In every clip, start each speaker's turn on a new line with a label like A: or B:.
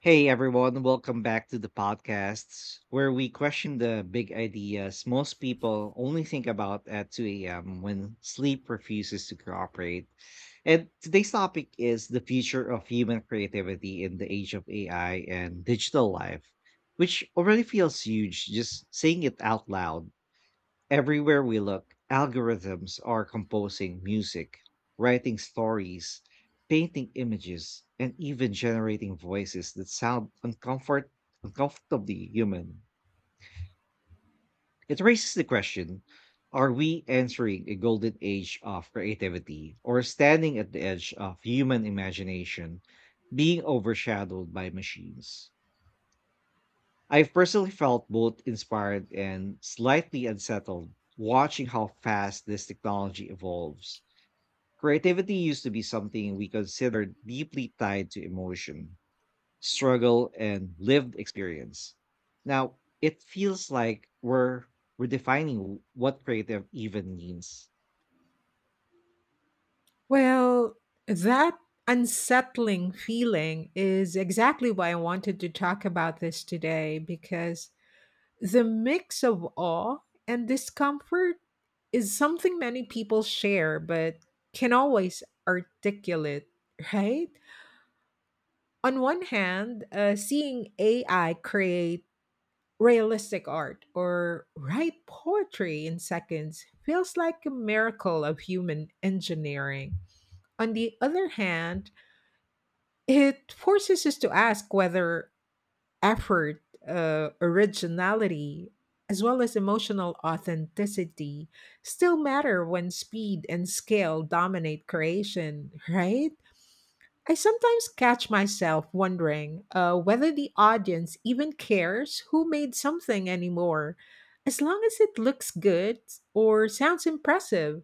A: Hey everyone, welcome back to the podcasts where we question the big ideas most people only think about at 2 a.m. when sleep refuses to cooperate. And today's topic is the future of human creativity in the age of AI and digital life, which already feels huge just saying it out loud. Everywhere we look, algorithms are composing music, writing stories, painting images, and even generating voices that sound uncomfortably human. It raises the question, are we entering a golden age of creativity or standing at the edge of human imagination being overshadowed by machines? I've personally felt both inspired and slightly unsettled watching how fast this technology evolves. Creativity used to be something we considered deeply tied to emotion, struggle, and lived experience. Now, it feels like we're redefining what creative even means.
B: Well, that unsettling feeling is exactly why I wanted to talk about this today, because the mix of awe and discomfort is something many people share but can always articulate, right? On one hand, seeing AI create realistic art or write poetry in seconds feels like a miracle of human engineering. On the other hand, it forces us to ask whether effort, originality, as well as emotional authenticity still matter when speed and scale dominate creation, right? I sometimes catch myself wondering whether the audience even cares who made something anymore, as long as it looks good or sounds impressive.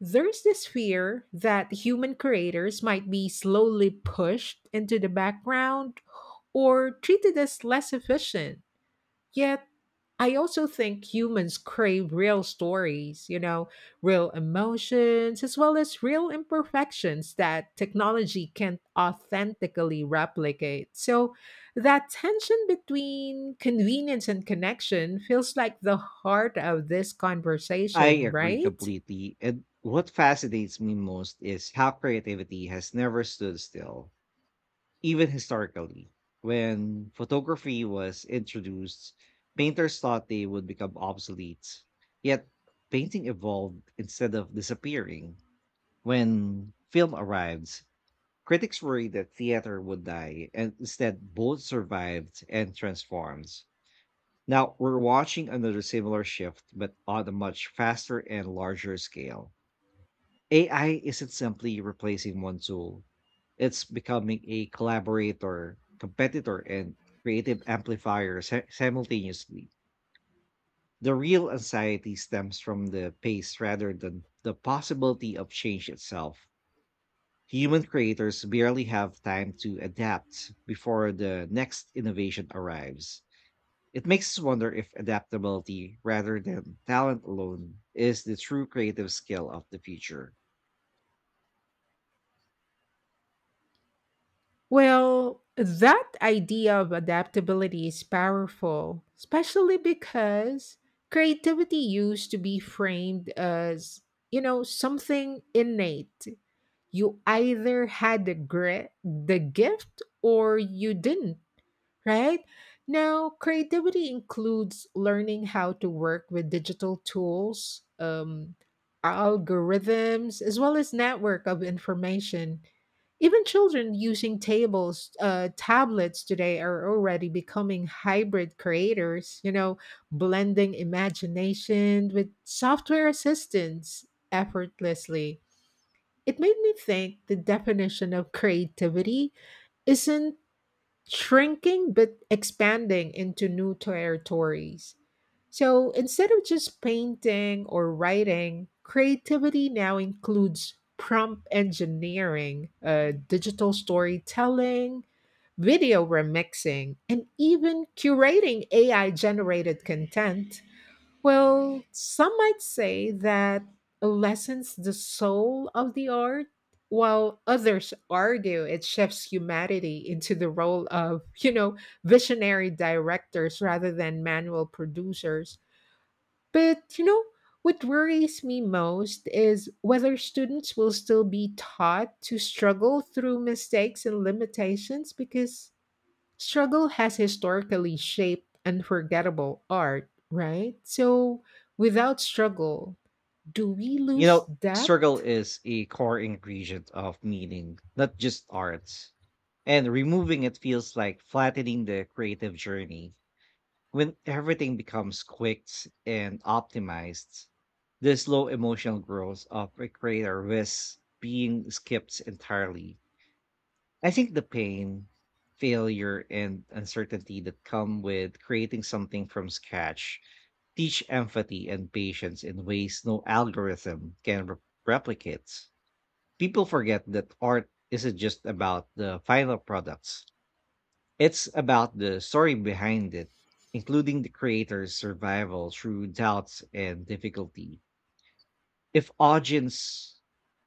B: There's this fear that human creators might be slowly pushed into the background or treated as less efficient. Yet, I also think humans crave real stories, real emotions, as well as real imperfections that technology can't authentically replicate. So, that tension between convenience and connection feels like the heart of this
A: I
B: conversation,
A: agree
B: right?
A: completely. And what fascinates me most is how creativity has never stood still. Even historically, when photography was introduced, painters thought they would become obsolete. Yet, painting evolved instead of disappearing. When film arrived, critics worried that theater would die, and instead, both survived and transformed. Now, we're watching another similar shift, but on a much faster and larger scale. AI isn't simply replacing one tool. It's becoming a collaborator, competitor, and creative amplifier simultaneously. The real anxiety stems from the pace rather than the possibility of change itself. Human creators barely have time to adapt before the next innovation arrives. It makes us wonder if adaptability rather than talent alone is the true creative skill of the future.
B: Well, that idea of adaptability is powerful, especially because creativity used to be framed as, something innate. You either had the grit, the gift, or you didn't, right? Now, creativity includes learning how to work with digital tools, algorithms, as well as network of information. Even children using tablets today are already becoming hybrid creators, blending imagination with software assistance effortlessly. It made me think the definition of creativity isn't shrinking but expanding into new territories. So instead of just painting or writing, creativity now includes prompt engineering, digital storytelling, video remixing, and even curating AI generated content. Well, some might say that lessens the soul of the art, while others argue it shifts humanity into the role of, visionary directors rather than manual producers. But, what worries me most is whether students will still be taught to struggle through mistakes and limitations, because struggle has historically shaped unforgettable art, right? So, without struggle, do we
A: You
B: lose
A: know, struggle
B: depth?
A: is a core ingredient of meaning, not just arts. And removing it feels like flattening the creative journey. When everything becomes quicked and optimized, the slow emotional growth of a creator risks being skipped entirely. I think the pain, failure, and uncertainty that come with creating something from scratch teach empathy and patience in ways no algorithm can replicate. People forget that art isn't just about the final products. It's about the story behind it, including the creator's survival through doubts and difficulty. If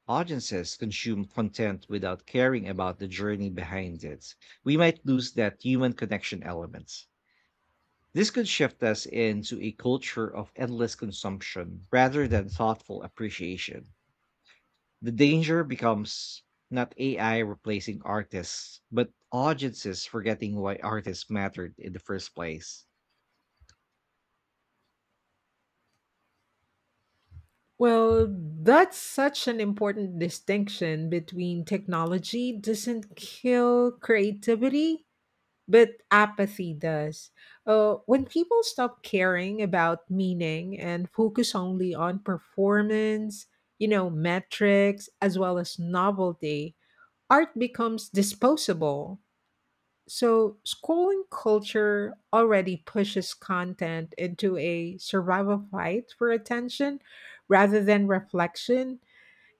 A: audiences consume content without caring about the journey behind it, we might lose that human connection element. This could shift us into a culture of endless consumption rather than thoughtful appreciation. The danger becomes not AI replacing artists, but audiences forgetting why artists mattered in the first place.
B: Well, that's such an important distinction, between technology doesn't kill creativity, but apathy does. When people stop caring about meaning and focus only on performance, metrics, as well as novelty, art becomes disposable. So, scrolling culture already pushes content into a survival fight for attention rather than reflection.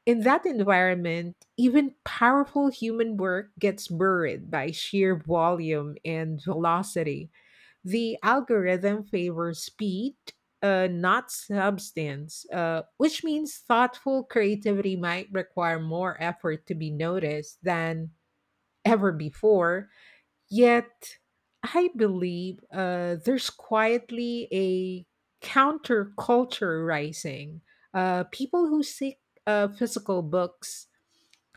B: In that environment, even powerful human work gets buried by sheer volume and velocity. The algorithm favors speed, not substance, which means thoughtful creativity might require more effort to be noticed than ever before. Yet, I believe there's quietly a counterculture rising. People who seek physical books,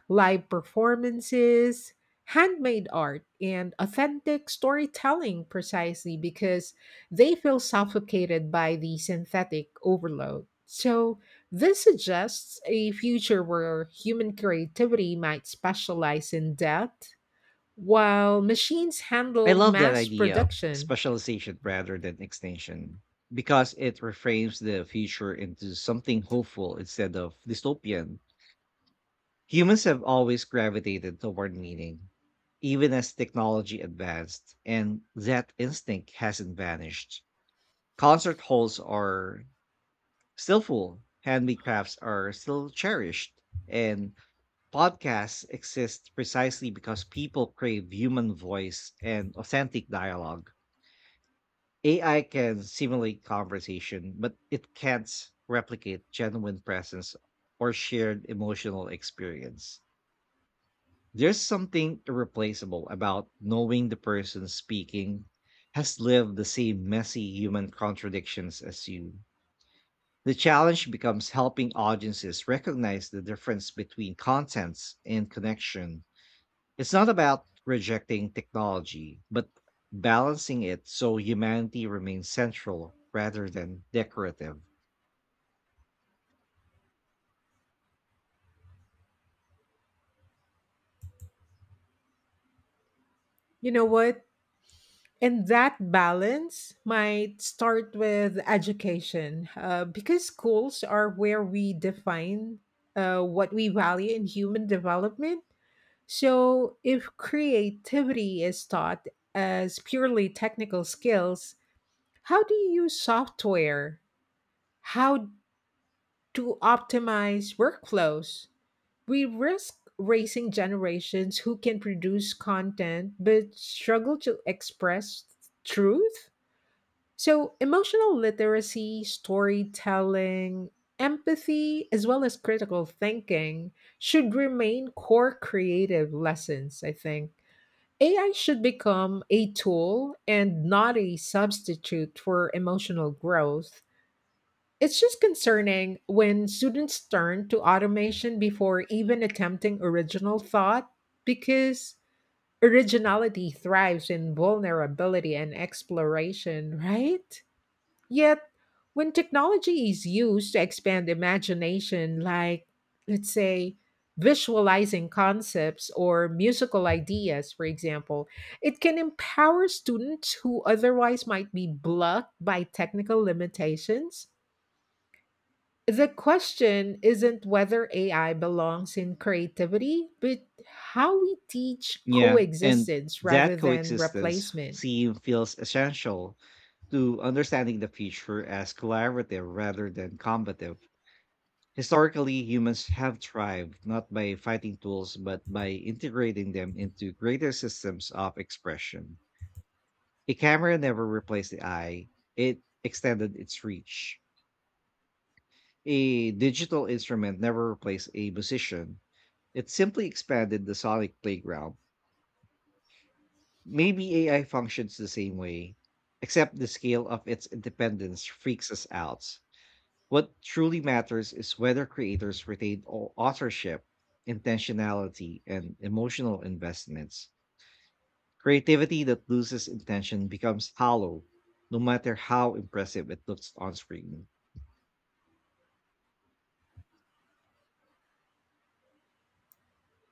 B: live performances, handmade art, and authentic storytelling precisely because they feel suffocated by the synthetic overload. So, this suggests a future where human creativity might specialize in depth while machines
A: I
B: handle
A: love that
B: mass
A: idea of
B: production.
A: specialization rather than extinction because it reframes the future into something hopeful instead of dystopian. Humans have always gravitated toward meaning, even as technology advanced, and that instinct hasn't vanished. Concert halls are still full, handmade are still cherished, and podcasts exist precisely because people crave human voice and authentic dialogue. AI can simulate conversation, but it can't replicate genuine presence or shared emotional experience. There's something irreplaceable about knowing the person speaking has lived the same messy human contradictions as you. The challenge becomes helping audiences recognize the difference between contents and connection. It's not about rejecting technology, but balancing it so humanity remains central rather than decorative.
B: You know what? And that balance might start with education, because schools are where we define what we value in human development. So, if creativity is taught as purely technical skills, how do you use software? How to optimize workflows? We risk raising generations who can produce content but struggle to express truth. So, emotional literacy, storytelling, empathy, as well as critical thinking should remain core creative lessons, I think. AI should become a tool and not a substitute for emotional growth. It's just concerning when students turn to automation before even attempting original thought, because originality thrives in vulnerability and exploration, right? Yet, when technology is used to expand imagination, like, let's say, visualizing concepts or musical ideas, for example, it can empower students who otherwise might be blocked by technical limitations. The question isn't whether AI belongs in creativity, but how we teach
A: Yeah, and
B: coexistence
A: that
B: rather than
A: coexistence
B: replacement.
A: seem feels essential to understanding the future as collaborative rather than combative. Historically, humans have thrived not by fighting tools, but by integrating them into greater systems of expression. A camera never replaced the eye, it extended its reach. A digital instrument never replaced a musician. It simply expanded the sonic playground. Maybe AI functions the same way, except the scale of its independence freaks us out. What truly matters is whether creators retain authorship, intentionality, and emotional investments. Creativity that loses intention becomes hollow, no matter how impressive it looks on screen.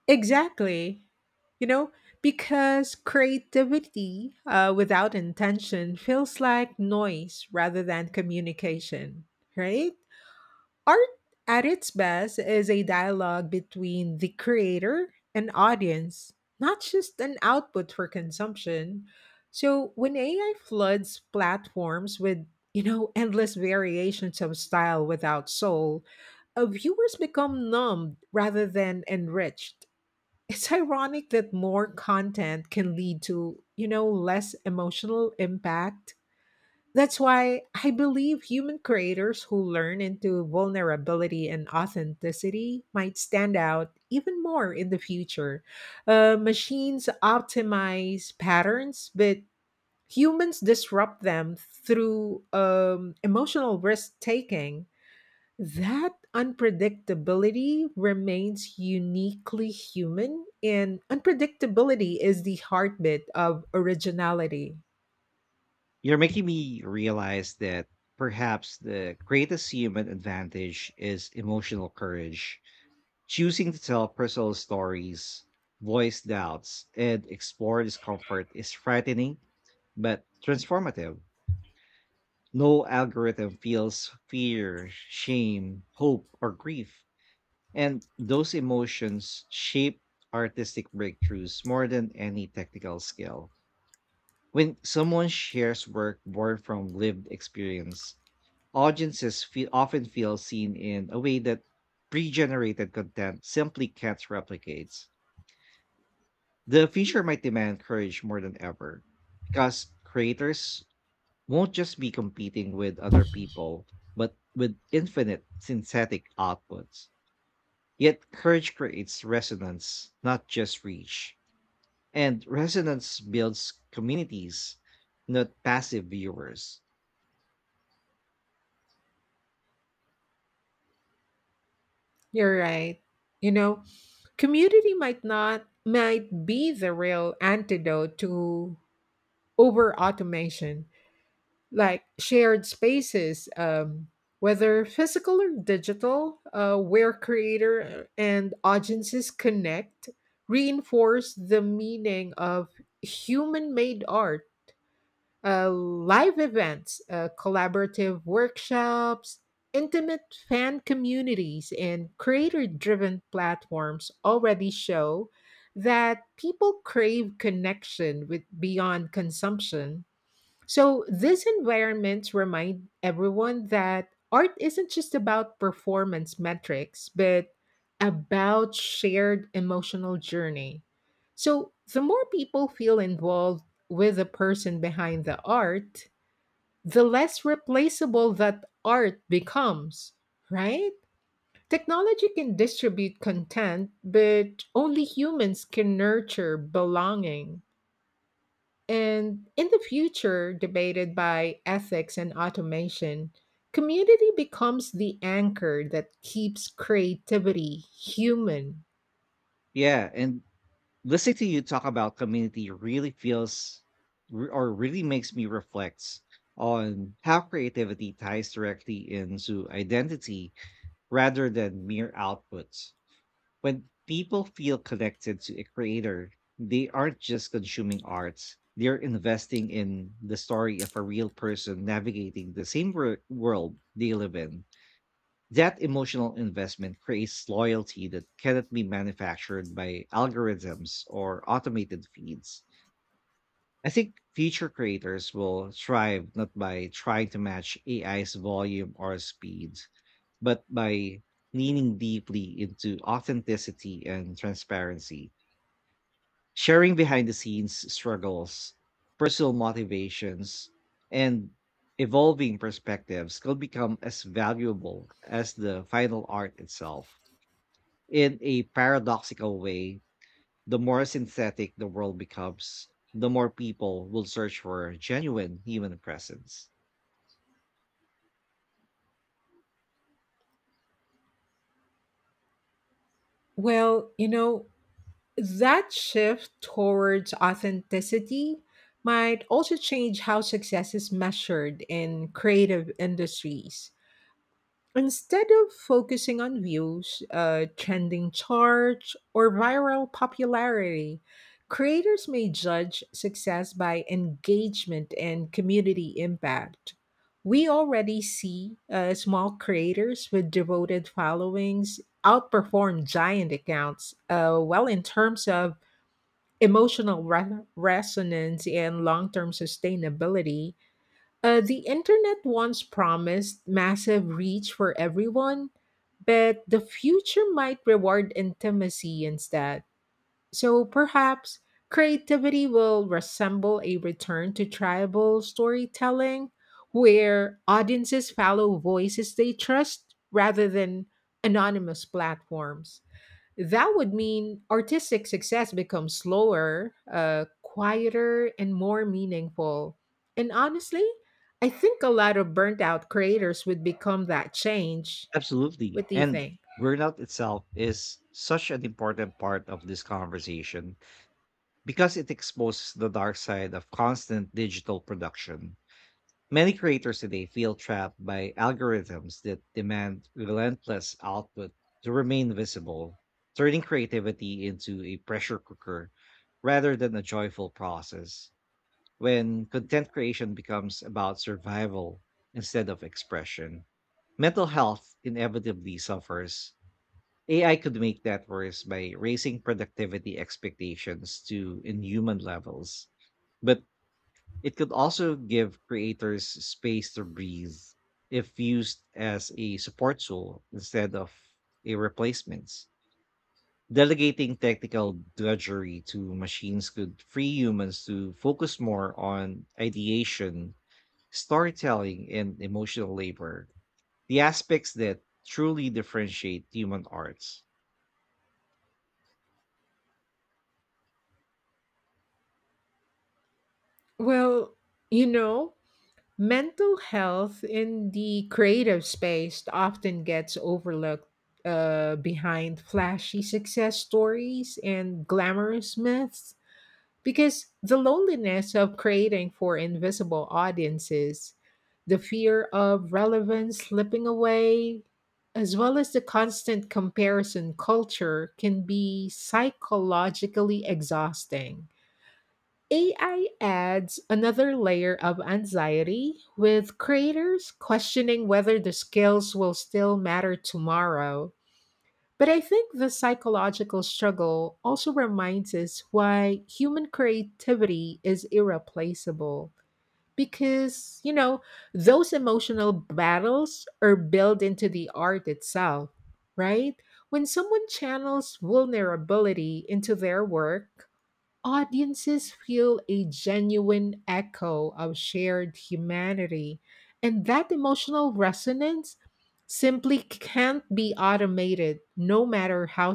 B: Exactly. You know, because creativity without intention feels like noise rather than communication, right? Art at its best is a dialogue between the creator and audience, not just an output for consumption. So when AI floods platforms with endless variations of style without soul, viewers become numbed rather than enriched. It's ironic that more content can lead to, less emotional impact. That's why I believe human creators who learn into vulnerability and authenticity might stand out even more in the future. Machines optimize patterns, but humans disrupt them through emotional risk taking. That unpredictability remains uniquely human, and unpredictability is the heartbeat of originality.
A: You're making me realize that perhaps the greatest human advantage is emotional courage. Choosing to tell personal stories, voice doubts, and explore discomfort is frightening but transformative. No algorithm feels fear, shame, hope, or grief. And those emotions shape artistic breakthroughs more than any technical skill. When someone shares work born from lived experience, audiences often feel seen in a way that pre-generated content simply can't replicate. The future might demand courage more than ever, because creators won't just be competing with other people, but with infinite synthetic outputs. Yet courage creates resonance, not just reach. And resonance builds communities, not passive viewers.
B: You're right. You know, community might not might be the real antidote to over automation. Like shared spaces, whether physical or digital, where creator and audiences connect, reinforce the meaning of human made art. Live events, collaborative workshops, intimate fan communities, and creator driven platforms already show that people crave connection with beyond consumption. So these environments remind everyone that art isn't just about performance metrics, but about shared emotional journey. So the more people feel involved with the person behind the art, the less replaceable that art becomes, right? Technology can distribute content, but only humans can nurture belonging. And in the future, debated by ethics and automation, community becomes the anchor that keeps creativity human.
A: Yeah, and listening to you talk about community really feels re- or really makes me reflect on how creativity ties directly into identity rather than mere outputs. When people feel connected to a creator, they aren't just consuming art. They're investing in the story of a real person navigating the same world they live in. That emotional investment creates loyalty that cannot be manufactured by algorithms or automated feeds. I think future creators will thrive not by trying to match AI's volume or speed, but by leaning deeply into authenticity and transparency. Sharing behind the scenes struggles, personal motivations, and evolving perspectives could become as valuable as the final art itself. In a paradoxical way, the more synthetic the world becomes, the more people will search for genuine human presence.
B: Well, that shift towards authenticity might also change how success is measured in creative industries. Instead of focusing on views, trending charts, or viral popularity, creators may judge success by engagement and community impact. We already see small creators with devoted followings outperform giant accounts, well, in terms of emotional resonance and long term sustainability. The internet once promised massive reach for everyone, but the future might reward intimacy instead. So perhaps creativity will resemble a return to tribal storytelling, where audiences follow voices they trust rather than anonymous platforms. That would mean artistic success becomes slower, quieter, and more meaningful. And honestly, I think a lot of burnt out creators would become that change.
A: Absolutely.
B: What do you
A: And
B: think?
A: burnout itself is such an important part of this conversation because it exposes the dark side of constant digital production. Many creators today feel trapped by algorithms that demand relentless output to remain visible, turning creativity into a pressure cooker rather than a joyful process. When content creation becomes about survival instead of expression, mental health inevitably suffers. AI could make that worse by raising productivity expectations to inhuman levels. But it could also give creators space to breathe if used as a support tool instead of a replacement. Delegating technical drudgery to machines could free humans to focus more on ideation, storytelling, and emotional labor, the aspects that truly differentiate human arts.
B: Well, you know, mental health in the creative space often gets overlooked behind flashy success stories and glamorous myths. Because the loneliness of creating for invisible audiences, the fear of relevance slipping away, as well as the constant comparison culture, can be psychologically exhausting. AI adds another layer of anxiety, with creators questioning whether the skills will still matter tomorrow. But I think the psychological struggle also reminds us why human creativity is irreplaceable. Because, those emotional battles are built into the art itself, right? When someone channels vulnerability into their work, audiences feel a genuine echo of shared humanity, and that emotional resonance simply can't be automated, no matter how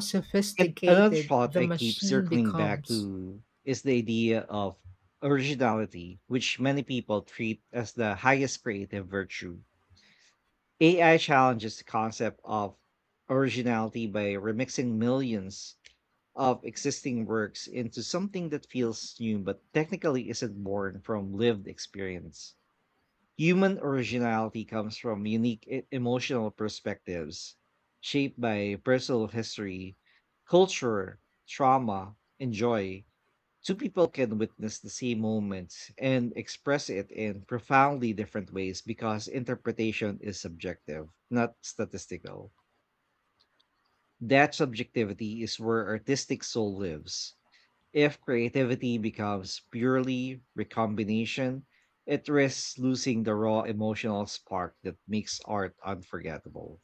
A: And another
B: sophisticated
A: thought
B: the
A: I keep
B: machine
A: circling back
B: becomes.
A: to is the idea of originality, which many people treat as the highest creative virtue. AI challenges the concept of originality by remixing millions of existing works into something that feels new but technically isn't born from lived experience. Human originality comes from unique emotional perspectives shaped by personal history, culture, trauma, and joy. Two people can witness the same moment and express it in profoundly different ways because interpretation is subjective, not statistical. That subjectivity is where artistic soul lives. If creativity becomes purely recombination, it risks losing the raw emotional spark that makes art unforgettable.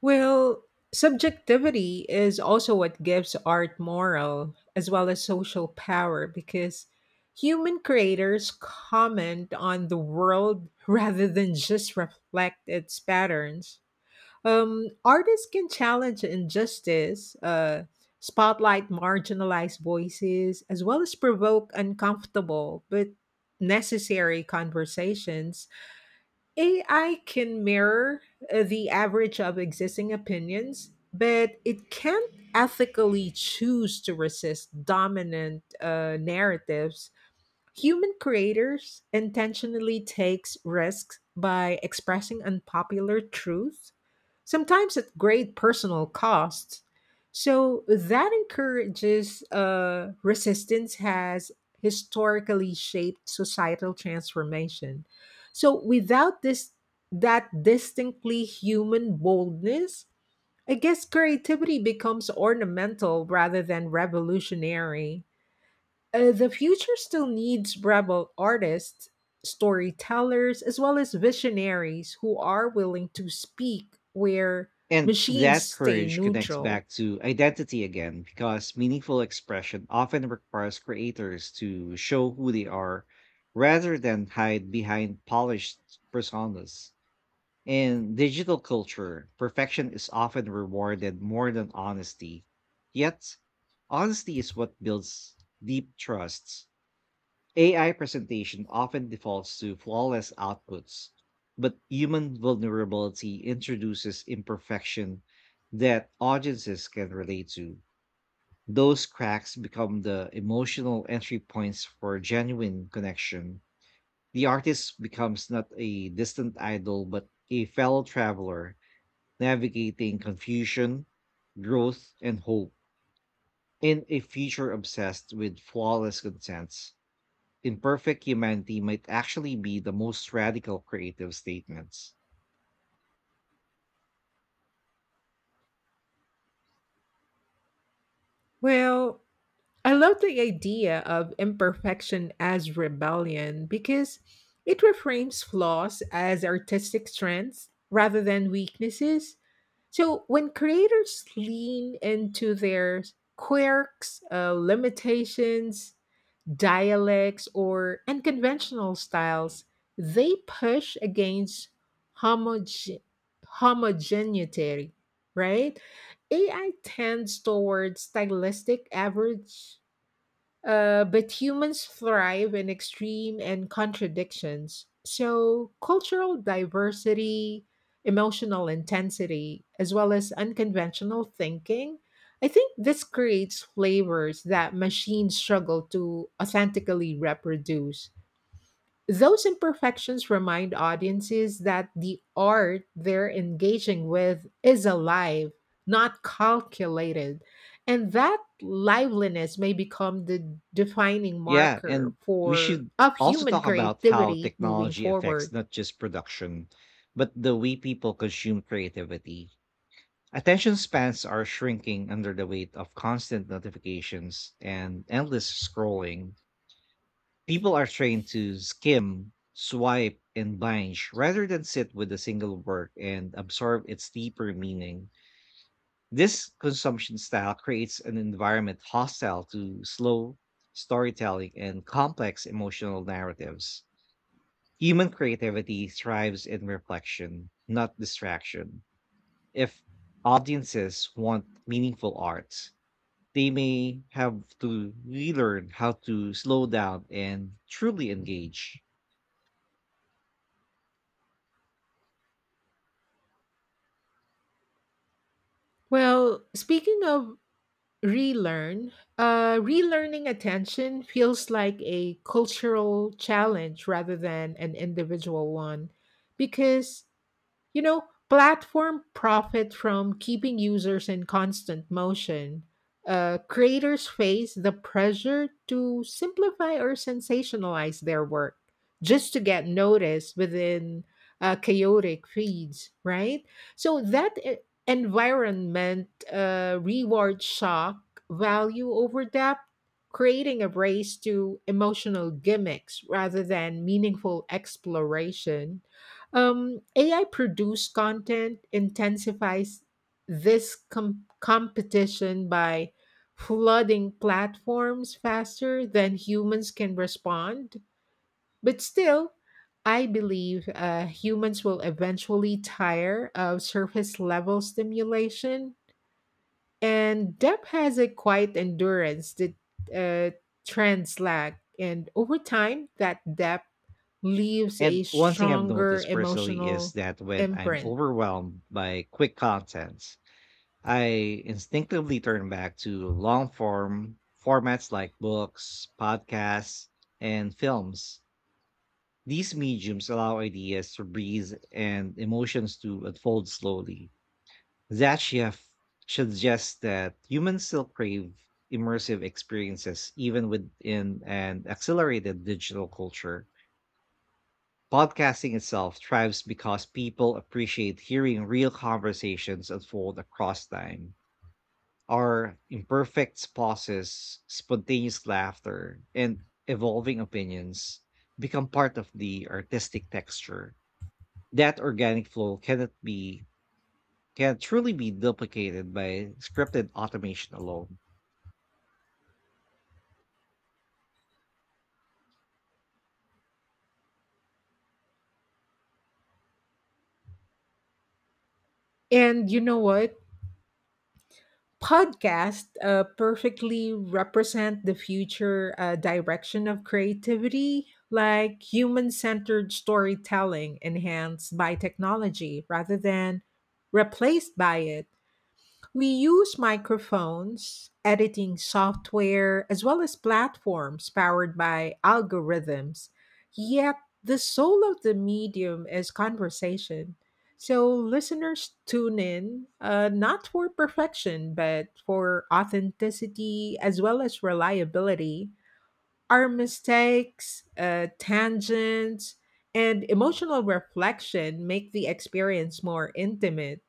B: Well, subjectivity is also what gives art moral as well as social power, because human creators comment on the world rather than just reflect its patterns. Artists can challenge injustice, spotlight marginalized voices, as well as provoke uncomfortable but necessary conversations. AI can mirror the average of existing opinions, but it can't ethically choose to resist dominant narratives. Human creators intentionally takes risks by expressing unpopular truths, sometimes at great personal cost. So that encourages resistance has historically shaped societal transformation. So without this that distinctly human boldness, I guess creativity becomes ornamental rather than revolutionary. The future still needs rebel artists, storytellers, as well as visionaries who are willing to speak where
A: And
B: machines
A: that
B: stay
A: courage connects
B: neutral.
A: back to identity again because meaningful expression often requires creators to show who they are rather than hide behind polished personas. In digital culture, perfection is often rewarded more than honesty. Yet, honesty is what builds deep trusts. AI presentation often defaults to flawless outputs, but human vulnerability introduces imperfection that audiences can relate to. Those cracks become the emotional entry points for genuine connection. The artist becomes not a distant idol, but a fellow traveler navigating confusion, growth, and hope in a future obsessed with flawless consents. Imperfect humanity might actually be the most radical creative statements.
B: Well, I love the idea of imperfection as rebellion, because it reframes flaws as artistic strengths rather than weaknesses. So when creators lean into their quirks, limitations, dialects, or unconventional styles, they push against homoge- homogeneity, right? AI tends towards stylistic average, but humans thrive in extreme and contradictions. So, cultural diversity, emotional intensity, as well as unconventional thinking, I think this creates flavors that machines struggle to authentically reproduce. Those imperfections remind audiences that the art they're engaging with is alive, not calculated. And that liveliness may become the defining
A: Yeah,
B: marker
A: and we
B: for
A: should
B: of
A: also
B: human
A: talk about how
B: creativity moving
A: technology affects
B: forward.
A: not just production, but the way people consume creativity. Attention spans are shrinking under the weight of constant notifications and endless scrolling. People are trained to skim, swipe, and binge rather than sit with a single work and absorb its deeper meaning. This consumption style creates an environment hostile to slow storytelling and complex emotional narratives. Human creativity thrives in reflection, not distraction. If audiences want meaningful art, they may have to relearn how to slow down and truly engage.
B: Well, speaking of relearn, relearning, attention feels like a cultural challenge rather than an individual one, because You know, platform profit from keeping users in constant motion. Creators face the pressure to simplify or sensationalize their work just to get noticed within chaotic feeds, right? So that environment rewards shock value over depth, creating a race to emotional gimmicks rather than meaningful exploration. AI produced content intensifies this competition by flooding platforms faster than humans can respond. But still, I believe humans will eventually tire of surface level stimulation, and Depp has a quiet endurance that uh, trends lack. And over time, that depth leaves
A: And
B: a
A: one thing I've
B: stronger
A: noticed personally is
B: emotional
A: that when I'm
B: imprint.
A: overwhelmed by quick contents, I instinctively turn back to long form formats like books, podcasts, and films. These mediums allow ideas to breathe and emotions to unfold slowly. That shift suggests that humans still crave immersive experiences even within an accelerated digital culture. Podcasting itself thrives because people appreciate hearing real conversations unfold across time. Our imperfect pauses, spontaneous laughter, and evolving opinions become part of the artistic texture. That organic flow cannot be can truly be duplicated by scripted automation alone.
B: And you know what? Podcasts perfectly represent the future direction of creativity, like human centered storytelling enhanced by technology rather than replaced by it. We use microphones, editing software, as well as platforms powered by algorithms. Yet, the soul of the medium is conversation. So, listeners tune in, not for perfection, but for authenticity as well as reliability. Our mistakes, tangents, and emotional reflection make the experience more intimate.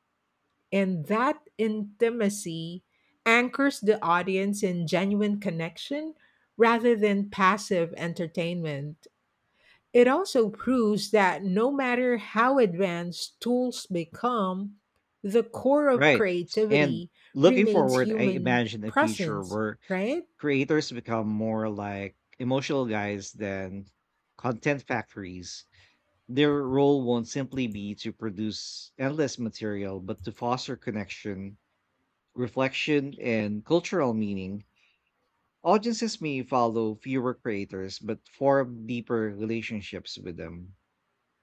B: And that intimacy anchors the audience in genuine connection rather than passive entertainment. It also proves that no matter how advanced tools become, the core of
A: Right. And
B: creativity
A: looking
B: remains
A: forward, I
B: human
A: imagine a future
B: presence,
A: where
B: right?
A: creators become more like emotional guys than content factories. Their role won't simply be to produce endless material, but to foster connection, reflection, and cultural meaning. Audiences may follow fewer creators, but form deeper relationships with them.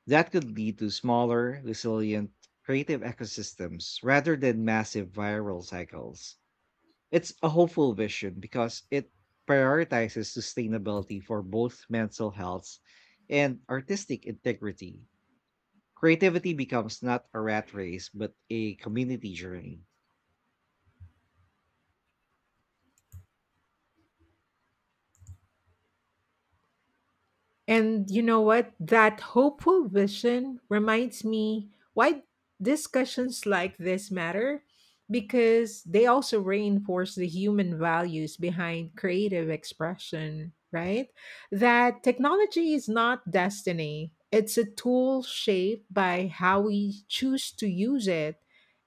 A: That could lead to smaller, resilient, creative ecosystems rather than massive viral cycles. It's a hopeful vision because it prioritizes sustainability for both mental health and artistic integrity. Creativity becomes not a rat race, but a community journey.
B: And you know what? That hopeful vision reminds me why discussions like this matter, because they also reinforce the human values behind creative expression, right? That technology is not destiny, it's a tool shaped by how we choose to use it.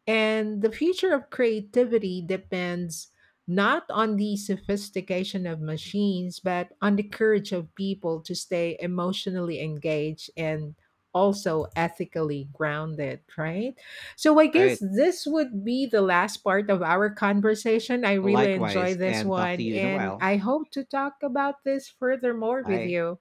B: And the future of creativity depends not on the sophistication of machines, but on the courage of people to stay emotionally engaged and also ethically grounded, right? So I guess
A: Right.
B: this would be the last part of our conversation. I really enjoy
A: Likewise,
B: this
A: and talk to
B: one,
A: you in a
B: and
A: while.
B: I hope to talk about this furthermore with
A: Bye.
B: you.